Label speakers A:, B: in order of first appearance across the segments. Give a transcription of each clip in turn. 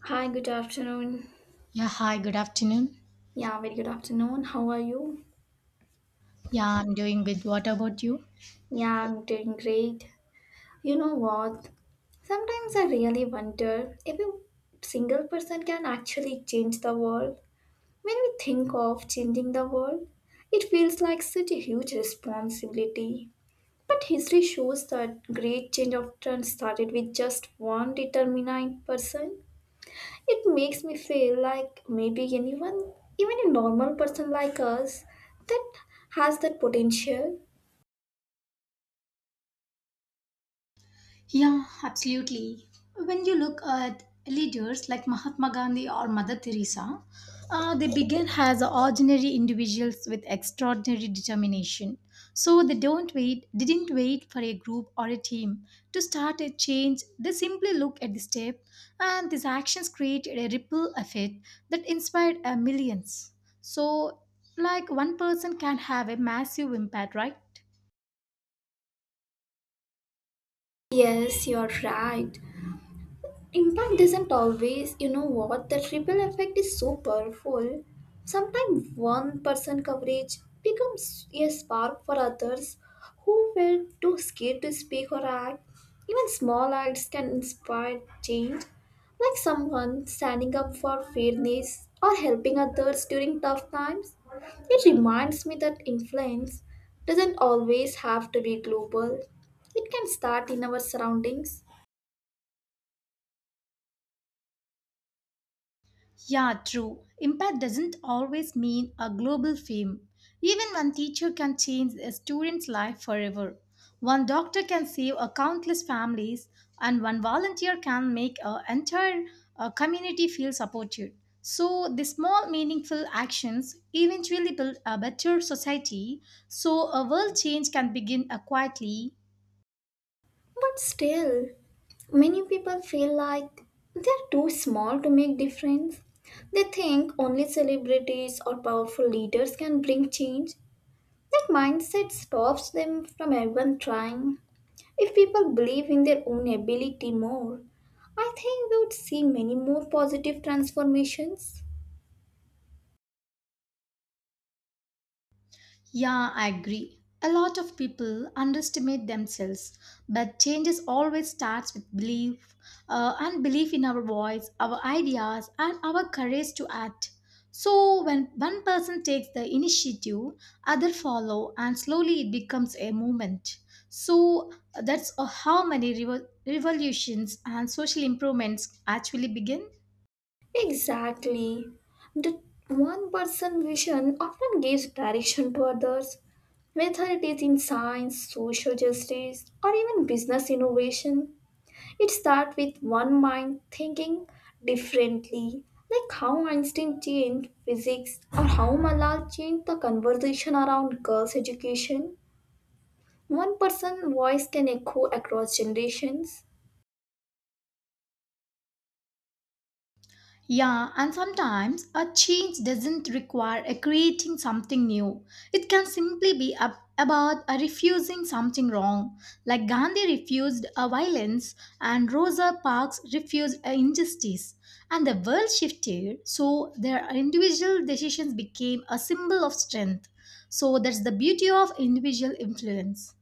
A: Hi, good afternoon.
B: Yeah, hi, good afternoon.
A: Yeah, very good afternoon. How are you?
B: Yeah, I'm doing good. What about you?
A: Yeah, I'm doing great. You know what? Sometimes I really wonder if a single person can actually change the world. When we think of changing the world, it feels like such a huge responsibility. But history shows that great change often started with just one determined person. It makes me feel like maybe anyone, even a normal person like us, that has that potential.
B: Yeah, absolutely. When you look at leaders like Mahatma Gandhi or Mother Teresa, they began as ordinary individuals with extraordinary determination. So they don't wait, didn't wait for a group or a team to start a change. They simply look at the step, and these actions created a ripple effect that inspired millions. So, like one person can have a massive impact, right?
A: Yes, you're right. Impact doesn't always, you know what, the triple effect is so powerful. Sometimes one person coverage becomes a spark for others who were too scared to speak or act. Even small acts can inspire change, like someone standing up for fairness or helping others during tough times. It reminds me that influence doesn't always have to be global. It can start in our surroundings.
B: Yeah, true. Impact doesn't always mean a global fame. Even one teacher can change a student's life forever. One doctor can save a countless families, and one volunteer can make an entire community feel supported. So, the small, meaningful actions eventually build a better society. So, a world change can begin quietly.
A: But still, many people feel like they're too small to make difference. They think only celebrities or powerful leaders can bring change. That mindset stops them from even trying. If people believe in their own ability more, I think we would see many more positive transformations.
B: Yeah, I agree. A lot of people underestimate themselves, but changes always starts with belief, and belief in our voice, our ideas, and our courage to act. So when one person takes the initiative, other follow, and slowly it becomes a movement. So that's how many revolutions and social improvements actually begin.
A: Exactly. The one person vision often gives direction to others, whether it is in science, social justice, or even business innovation. It starts with one mind thinking differently, like how Einstein changed physics or how Malal changed the conversation around girls' education. One person's voice can echo across generations.
B: Yeah, and sometimes a change doesn't require a creating something new. It can simply be about a refusing something wrong, like Gandhi refused a violence and Rosa Parks refused a injustice. And the world shifted, so their individual decisions became a symbol of strength. So that's the beauty of individual influence.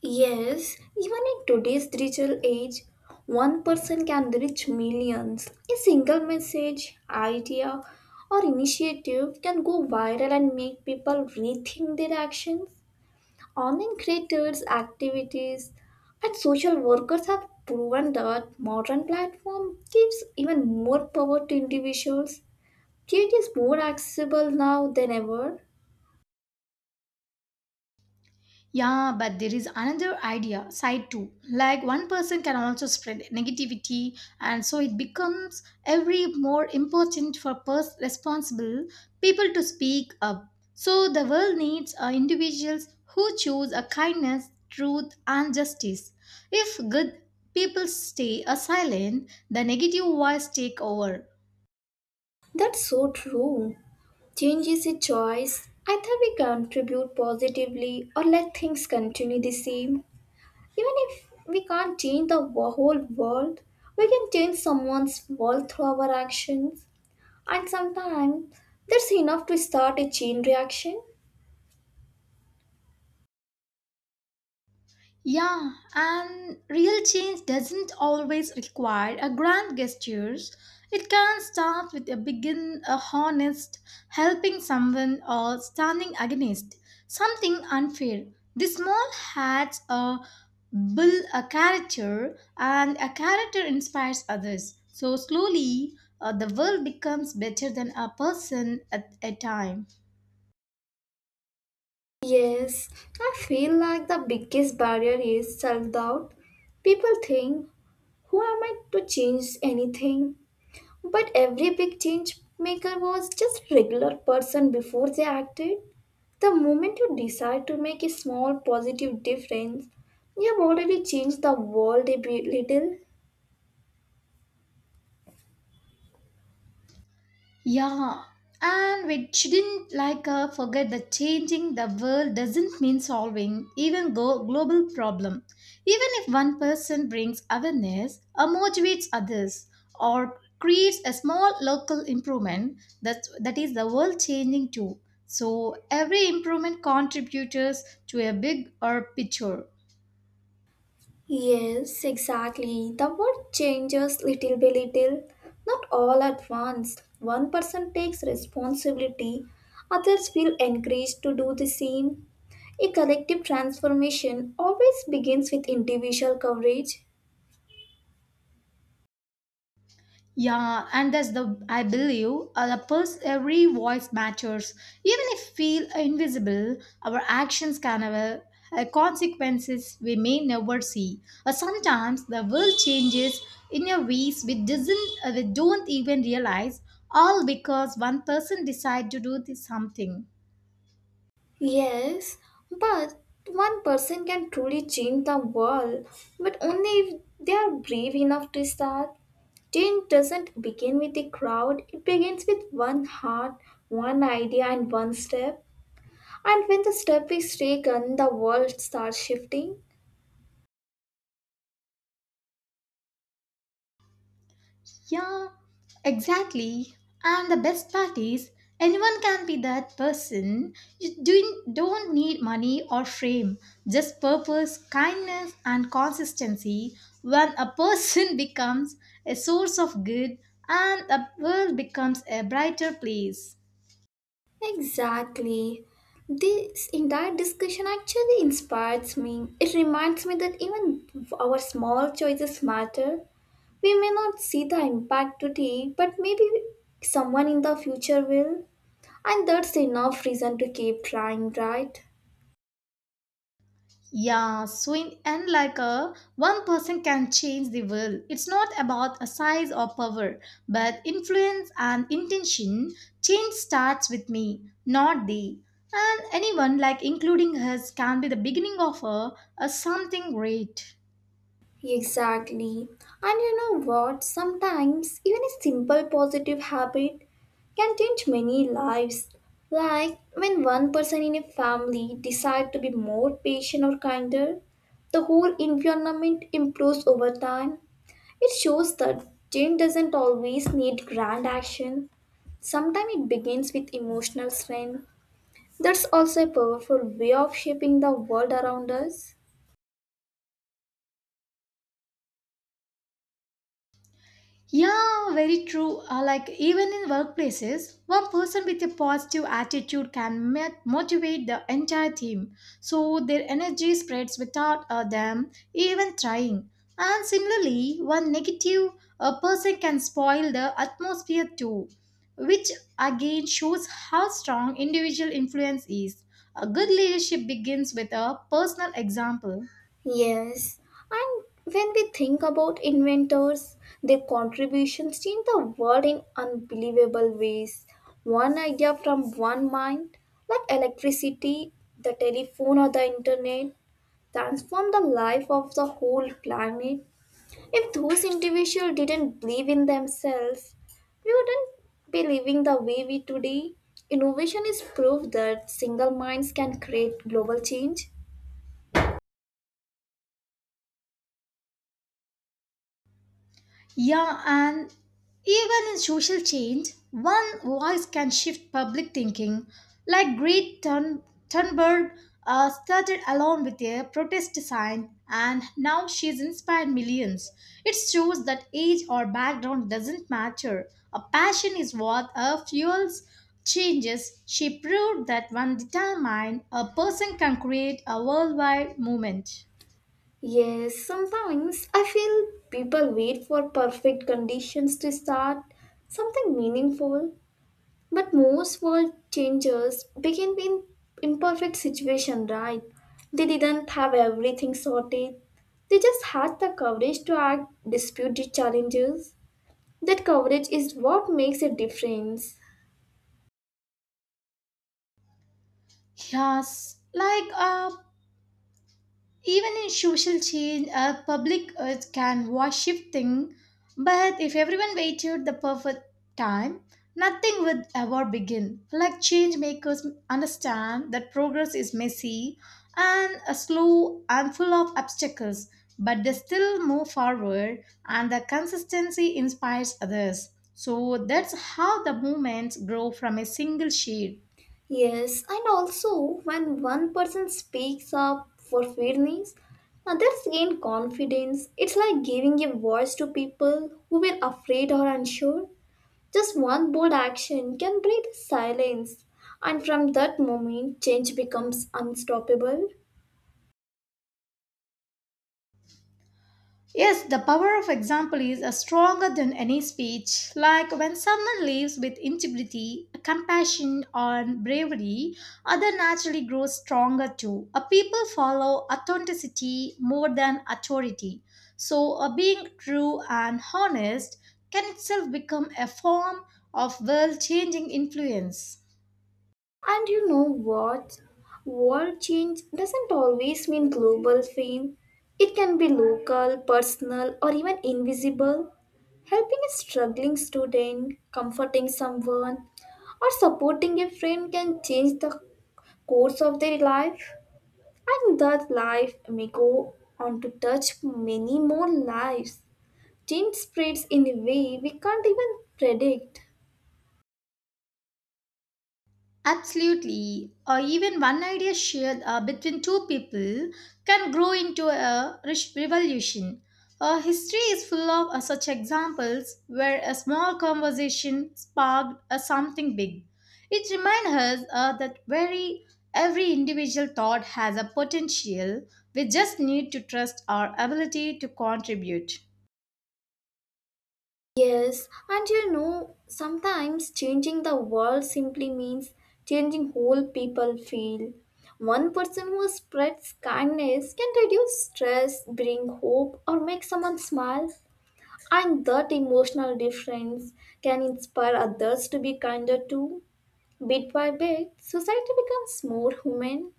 A: Yes, even in today's digital age, one person can reach millions. A single message, idea, or initiative can go viral and make people rethink their actions. Online creators, activities, and social workers have proven that modern platform gives even more power to individuals. It is more accessible now than ever.
B: Yeah, but there is another idea side too. Like one person can also spread negativity, and so it becomes every more important for responsible people to speak up. So the world needs individuals who choose a kindness, truth, and justice. If good people stay silent, the negative voice take over.
A: That's so true. Change is a choice. Either we contribute positively or let things continue the same. Even if we can't change the whole world, we can change someone's world through our actions. And sometimes that's enough to start a chain reaction.
B: Yeah, and real change doesn't always require a grand gestures. It can start with a begin a honest helping someone or standing against something unfair. The small hats build a character and a character inspires others. So slowly the world becomes better than a person at a time.
A: Yes, I feel like the biggest barrier is self doubt. People think, who am I to change anything? But every big change maker was just regular person before they acted. The moment you decide to make a small positive difference, you have already changed the world a bit little.
B: Yeah, and we shouldn't like forget that changing the world doesn't mean solving even go global problem. Even if one person brings awareness or motivates others or creates a small local improvement, that is the world changing too. So every improvement contributes to a big or picture.
A: Yes, exactly. The world changes little by little, not all at once. One person takes responsibility, others feel encouraged to do the same. A collective transformation always begins with individual coverage.
B: Yeah, and that's the I believe the every voice matters. Even if we feel invisible, our actions can have consequences we may never see. Sometimes the world changes in a ways we don't even realize, all because one person decided to do this something.
A: Yes, but one person can truly change the world, but only if they are brave enough to start. Change doesn't begin with a crowd, it begins with one heart, one idea, and one step. And when the step is taken, the world starts shifting.
B: Yeah, exactly. And the best part is, anyone can be that person. You doing, don't need money or fame, just purpose, kindness, and consistency. When a person becomes a source of good, and the world becomes a brighter place.
A: Exactly. This entire discussion actually inspires me. It reminds me that even our small choices matter. We may not see the impact today, but maybe someone in the future will. And that's enough reason to keep trying, right?
B: Yeah, so in end, like a one person can change the world. It's not about a size or power, but influence and intention. Change starts with me, not they. And anyone, like including us, can be the beginning of a something great.
A: Exactly. And you know what? Sometimes even a simple positive habit can change many lives. Like when one person in a family decides to be more patient or kinder, the whole environment improves over time. It shows that change doesn't always need grand action. Sometimes it begins with emotional strength. That's also a powerful way of shaping the world around us.
B: Yeah, very true. Like even in workplaces, one person with a positive attitude can motivate the entire team. So their energy spreads without them even trying. And similarly, one negative person can spoil the atmosphere too, which again shows how strong individual influence is. A good leadership begins with a personal example.
A: Yes, and when we think about inventors, their contributions change the world in unbelievable ways. One idea from one mind, like electricity, the telephone, or the internet, transform the life of the whole planet. If those individuals didn't believe in themselves, we wouldn't be living the way we today. Innovation is proof that single minds can create global change.
B: Yeah, and even in social change, one voice can shift public thinking. Like Thunberg started alone with a protest sign, and now she's inspired millions. It shows that age or background doesn't matter. A passion is what fuels changes. She proved that one determined a person can create a worldwide movement.
A: Yes, sometimes I feel people wait for perfect conditions to start something meaningful. But most world changers begin in imperfect situation, right? They didn't have everything sorted. They just had the courage to act, dispute the challenges. That courage is what makes a difference.
B: Yes, like even in social change, a public earth can was shifting, but if everyone waited the perfect time, nothing would ever begin. Like change makers understand that progress is messy and slow and full of obstacles, but they still move forward and the consistency inspires others. So that's how the movements grow from a single shade.
A: Yes, and also when one person speaks up for fairness, others gain confidence. It's like giving a voice to people who were afraid or unsure. Just one bold action can break the silence, and from that moment, change becomes unstoppable.
B: Yes, the power of example is stronger than any speech. Like when someone lives with integrity, compassion, and bravery, other naturally grows stronger too. People follow authenticity more than authority. So, being true and honest can itself become a form of world changing influence.
A: And you know what? World change doesn't always mean global fame. It can be local, personal, or even invisible. Helping a struggling student, comforting someone, or supporting a friend can change the course of their life. And that life may go on to touch many more lives. Change spreads in a way we can't even predict.
B: Absolutely. Or even one idea shared between two people can grow into a rich revolution. History is full of such examples where a small conversation sparked something big. It reminds us that very every individual thought has a potential. We just need to trust our ability to contribute.
A: Yes, and you know, sometimes changing the world simply means changing whole people feel. One person who spreads kindness can reduce stress, bring hope, or make someone smile, and that emotional difference can inspire others to be kinder too. Bit by bit, society becomes more human.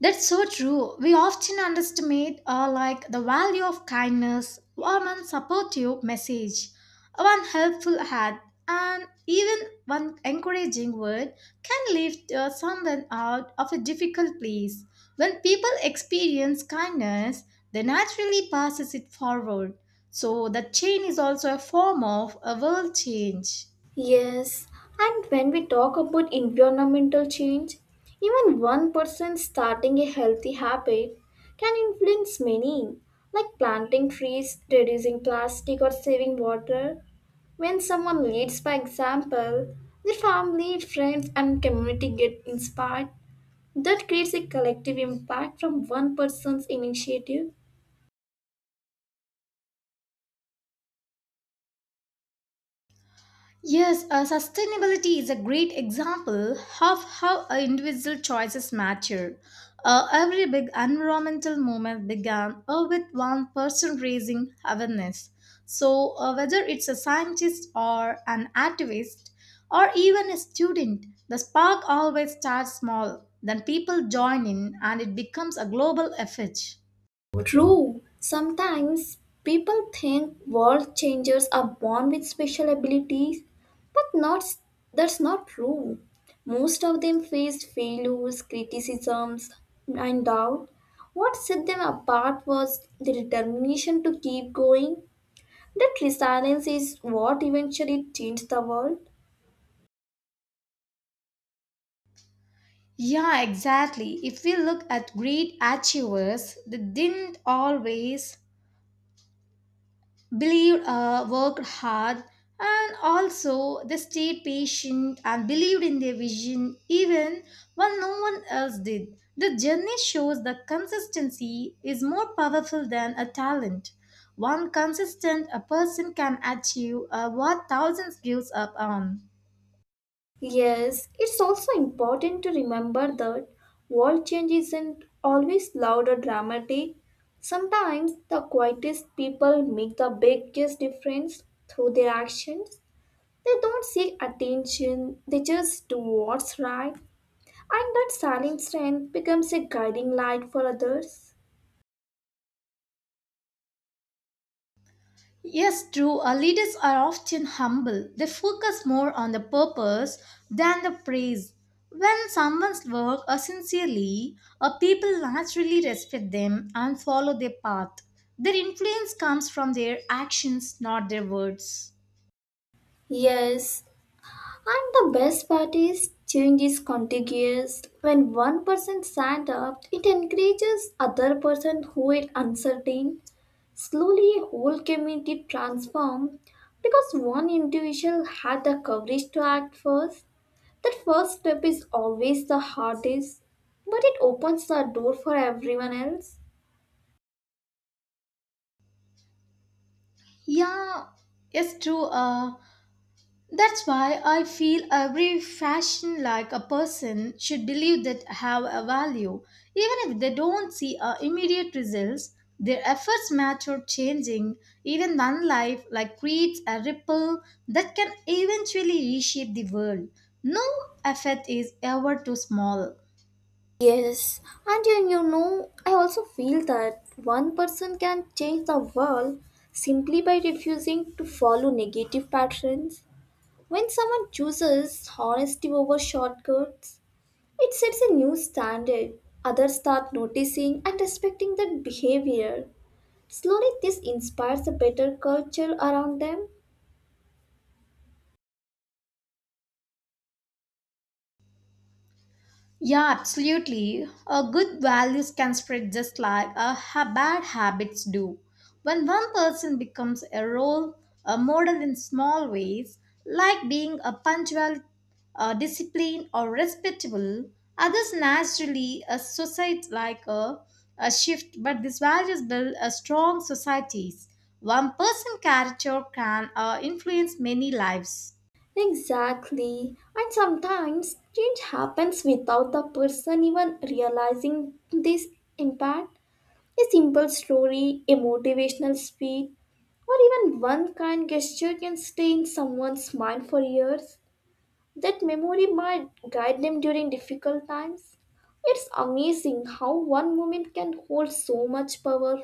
B: That's so true. We often underestimate like the value of kindness, one supportive message, one helpful hand, and even one encouraging word can lift someone out of a difficult place. When people experience kindness, they naturally passes it forward. So the chain is also a form of a world change.
A: Yes, and when we talk about environmental change, even one person starting a healthy habit can influence many, like planting trees, reducing plastic, or saving water. When someone leads by example, their family, friends, and community get inspired. That creates a collective impact from one person's initiative.
B: Yes, sustainability is a great example of how individual choices matter. Every big environmental movement began with one person raising awareness. So, whether it's a scientist or an activist or even a student, the spark always starts small. Then people join in and it becomes a global effort.
A: True, sometimes people think world changers are born with special abilities, but not, that's not true. Most of them faced failures, criticisms, and doubt. What set them apart was the determination to keep going. That resilience is what eventually changed the world.
B: Yeah, exactly. If we look at great achievers, they didn't always believed, worked hard, and also they stayed patient and believed in their vision even when no one else did. The journey shows that consistency is more powerful than a talent. One consistent a person can achieve what thousands gives up on.
A: Yes, it's also important to remember that world change isn't always loud or dramatic. Sometimes the quietest people make the biggest difference through their actions. They don't seek attention, they just do what's right. And that silent strength becomes a guiding light for others.
B: Yes, true. Our leaders are often humble. They focus more on the purpose than the praise. When someone's work are sincerely, people naturally respect them and follow their path. Their influence comes from their actions, not their words.
A: Yes, and the best part is, change is contagious. When one person stands up, it encourages other person who is uncertain. Slowly, a whole community transforms because one individual had the courage to act first. That first step is always the hardest, but it opens the door for everyone else.
B: Yeah, it's true. That's why I feel every fashion like a person should believe that have a value. Even if they don't see immediate results, their efforts matter changing. Even one life like creates a ripple that can eventually reshape the world. No effort is ever too small.
A: Yes, and you know, I also feel that one person can change the world simply by refusing to follow negative patterns. When someone chooses honesty over shortcuts, it sets a new standard. Others start noticing and respecting that behavior. Slowly, this inspires a better culture around them.
B: Yeah, absolutely. A good values can spread just like a bad habits do. When one person becomes a role, a model in small ways, like being a punctual, disciplined, or respectable, others naturally associate like a shift. But these values build a strong societies. One person character can influence many lives.
A: Exactly. And sometimes change happens without the person even realizing this impact. A simple story, a motivational speech, or even one kind gesture can stay in someone's mind for years. That memory might guide them during difficult times. It's amazing how one moment can hold so much power.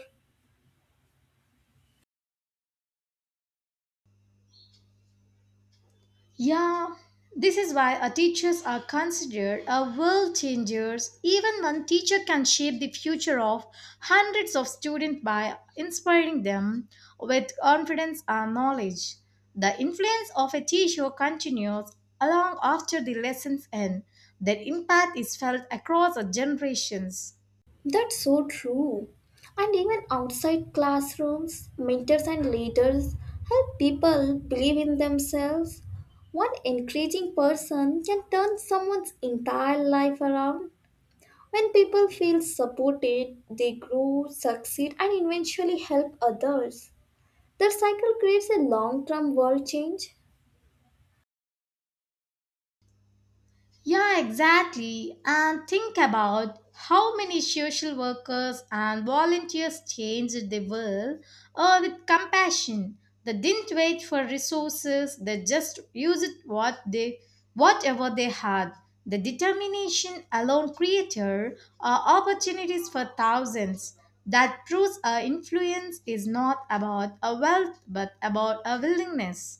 B: Yeah, this is why our teachers are considered a world changers. Even one teacher can shape the future of hundreds of students by inspiring them with confidence and knowledge. The influence of a teacher continues long after the lessons end. Their impact is felt across our generations.
A: That's so true. And even outside classrooms, mentors and leaders help people believe in themselves. One encouraging person can turn someone's entire life around. When people feel supported, they grow, succeed, and eventually help others. The cycle creates a long term world change.
B: Yeah, exactly. And think about how many social workers and volunteers changed the world with compassion. They didn't wait for resources, they just used whatever they had. The determination alone created opportunities for thousands. That proves our influence is not about a wealth but about a willingness.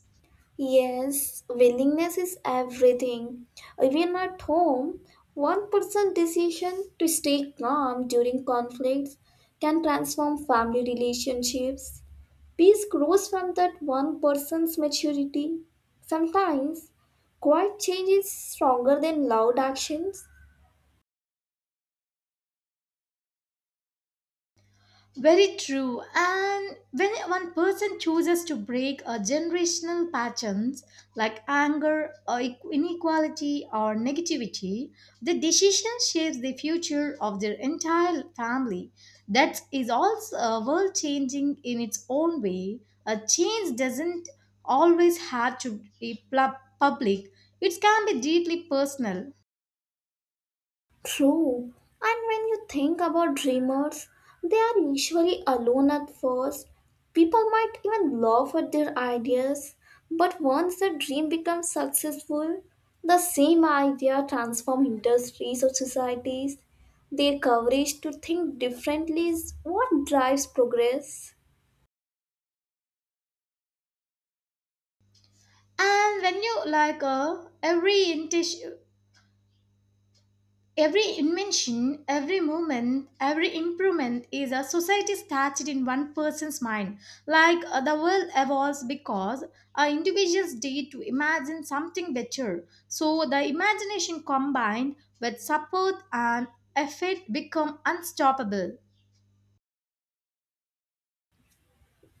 A: Yes, willingness is everything. Even at home, one person's decision to stay calm during conflicts can transform family relationships. Peace grows from that one person's maturity. Sometimes, quiet change is stronger than loud actions.
B: Very true. And when one person chooses to break a generational patterns like anger or inequality or negativity, the decision shapes the future of their entire family. That is also world changing in its own way. A change doesn't always have to be public. It can be deeply personal.
A: True. And when you think about dreamers, they are usually alone at first. People might even laugh at their ideas, but once the dream becomes successful, the same idea transforms industries or societies. Their courage to think differently is what drives progress.
B: And when you like every intention Every invention, every movement, every improvement is a society started in one person's mind. Like the world evolves because individuals did to imagine something better. So the imagination combined with support and effort become unstoppable.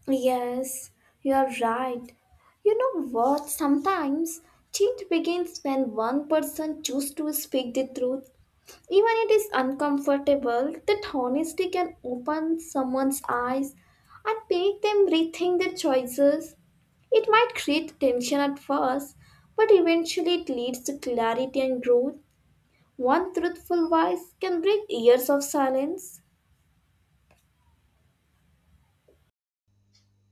A: Yes, you are right. You know what? Sometimes change begins when one person chooses to speak the truth. Even it is uncomfortable, that honesty can open someone's eyes and make them rethink their choices. It might create tension at first, but eventually it leads to clarity and growth. One truthful voice can break years of silence.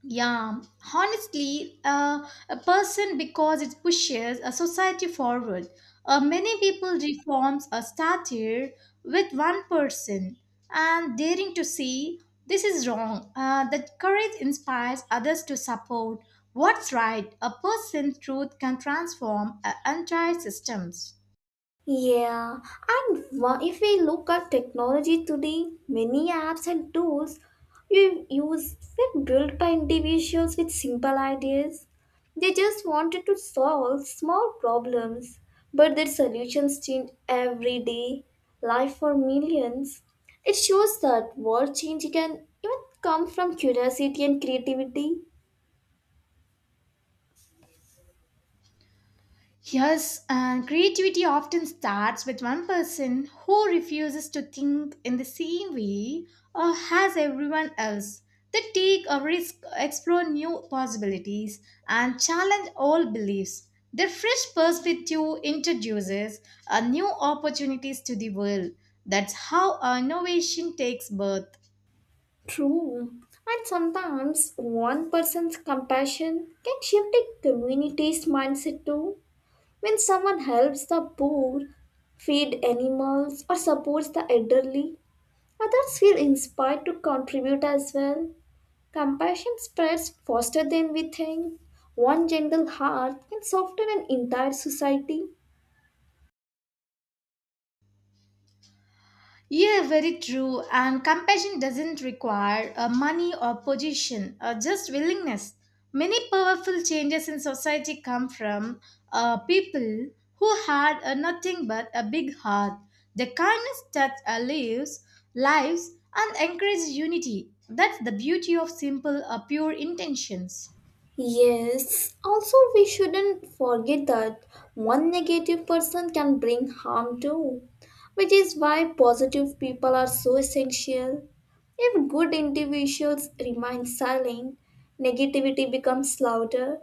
B: Yeah, honestly, a person because it pushes a society forward. Many people reforms are started with one person and daring to say this is wrong. That courage inspires others to support what's right. A person's truth can transform entire systems.
A: Yeah, and if we look at technology today, many apps and tools we use were built by individuals with simple ideas. They just wanted to solve small problems, but their solutions change every day, life for millions. It shows that world change can even come from curiosity and creativity.
B: Yes, and creativity often starts with one person who refuses to think in the same way or has everyone else. They take a risk, explore new possibilities, and challenge old beliefs. Their fresh perspective introduces a new opportunities to the world. That's how our innovation takes birth.
A: True. And sometimes one person's compassion can shift a community's mindset too. When someone helps the poor, feed animals, or supports the elderly, others feel inspired to contribute as well. Compassion spreads faster than we think. One gentle heart can soften an entire society.
B: Yeah, very true. And compassion doesn't require money or position, just willingness. Many powerful changes in society come from people who had nothing but a big heart. The kindness that lives and encourages unity. That's the beauty of simple, pure intentions.
A: Yes, also we shouldn't forget that one negative person can bring harm too, which is why positive people are so essential. If good individuals remain silent, negativity becomes louder.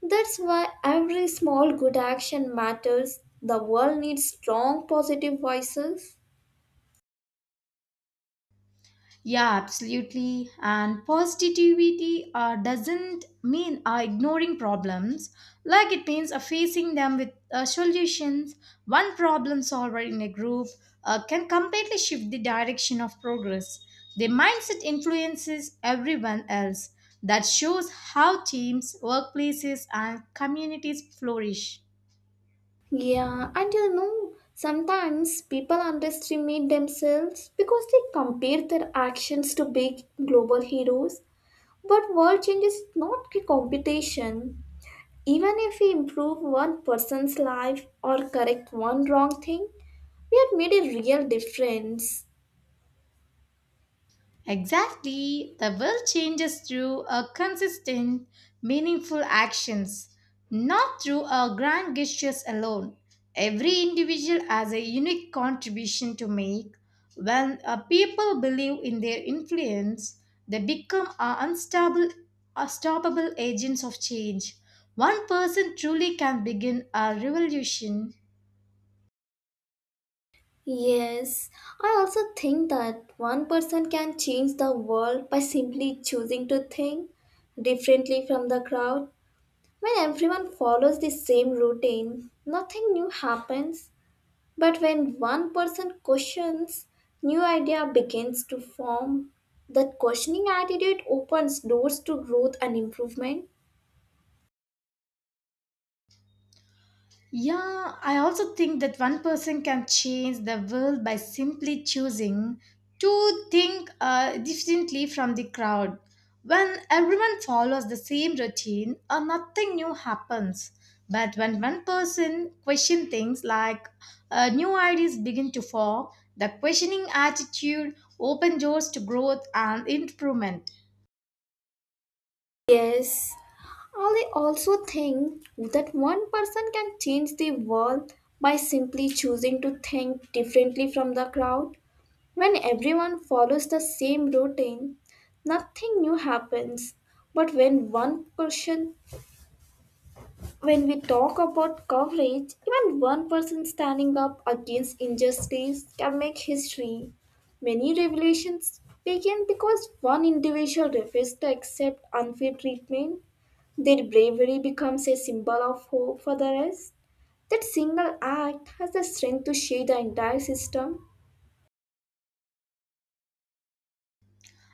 A: That's why every small good action matters. The world needs strong positive voices.
B: Yeah, absolutely. And positivity doesn't mean ignoring problems, like it means facing them with solutions. One problem solver in a group can completely shift the direction of progress. The mindset influences everyone else. That shows how teams, workplaces, and communities flourish.
A: Yeah, and you know, sometimes people underestimate themselves because they compare their actions to big global heroes. But world change is not a competition. Even if we improve one person's life or correct one wrong thing, we have made a real difference.
B: Exactly. The world changes through a consistent, meaningful actions, not through a grand gestures alone. Every individual has a unique contribution to make. When people believe in their influence, they become a unstoppable agents of change. One person truly can begin a revolution.
A: Yes, I also think that one person can change the world by simply choosing to think differently from the crowd. When everyone follows the same routine, nothing new happens. But when one person questions, new idea begins to form. That questioning attitude opens doors to growth and improvement.
B: Yeah, I also think that one person can change the world by simply choosing to think differently from the crowd. When everyone follows the same routine, nothing new happens. But when one person questions things like new ideas begin to form, the questioning attitude opens doors to growth and improvement.
A: Yes, I also think that one person can change the world by simply choosing to think differently from the crowd. When everyone follows the same routine, nothing new happens. But when one person, when we talk about coverage, even one person standing up against injustice can make history. Many revolutions began because one individual refused to accept unfair treatment. Their bravery becomes a symbol of hope for the rest. That single act has the strength to shake the entire system.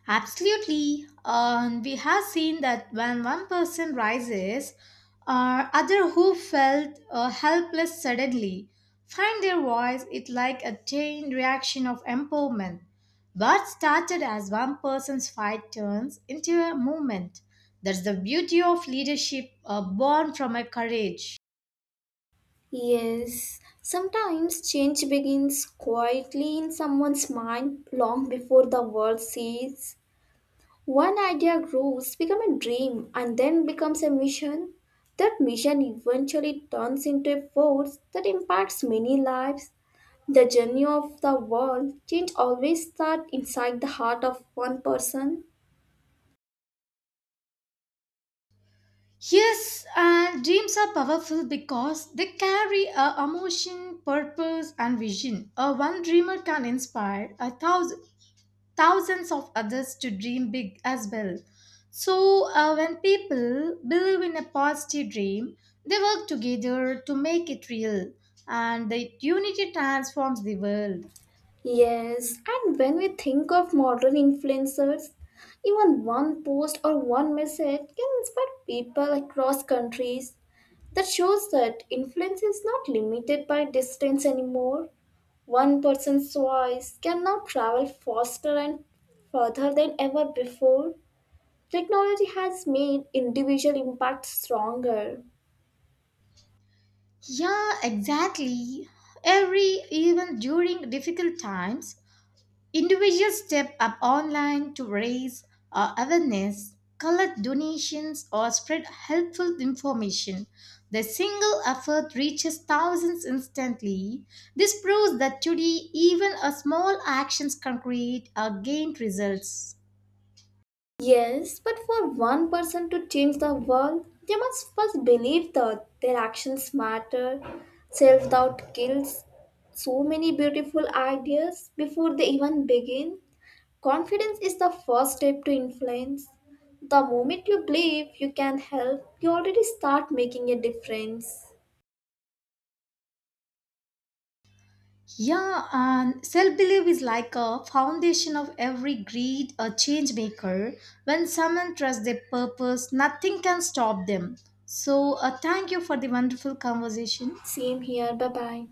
B: Absolutely. We have seen that when one person rises, or other who felt helpless suddenly find their voice. It like a chain reaction of empowerment. What started as one person's fight turns into a movement. That's the beauty of leadership, born from a courage.
A: Yes, sometimes change begins quietly in someone's mind long before the world sees. One idea grows, becomes a dream, and then becomes a mission. That mission eventually turns into a force that impacts many lives. The journey of the world change always starts inside the heart of one person.
B: Yes, and dreams are powerful because they carry a emotion, purpose, and vision. A one dreamer can inspire a thousands of others to dream big as well. So when people believe in a positive dream, they work together to make it real, and the unity transforms the world.
A: Yes, and when we think of modern influencers, even one post or one message can inspire people across countries. That shows that influence is not limited by distance anymore. One person's voice can now travel faster and further than ever before. Technology has made individual impact stronger.
B: Yeah, exactly. Every even during difficult times, individuals step up online to raise awareness, collect donations, or spread helpful information. The single effort reaches thousands instantly. This proves that today, even a small actions can create a gained results.
A: Yes, but for one person to change the world, they must first believe that their actions matter. Self doubt kills so many beautiful ideas before they even begin. Confidence is the first step to influence. The moment you believe you can help, you already start making a difference.
B: Yeah, and self belief is like a foundation of every great or change maker. When someone trusts their purpose, nothing can stop them. So, thank you for the wonderful conversation.
A: Same here. Bye bye.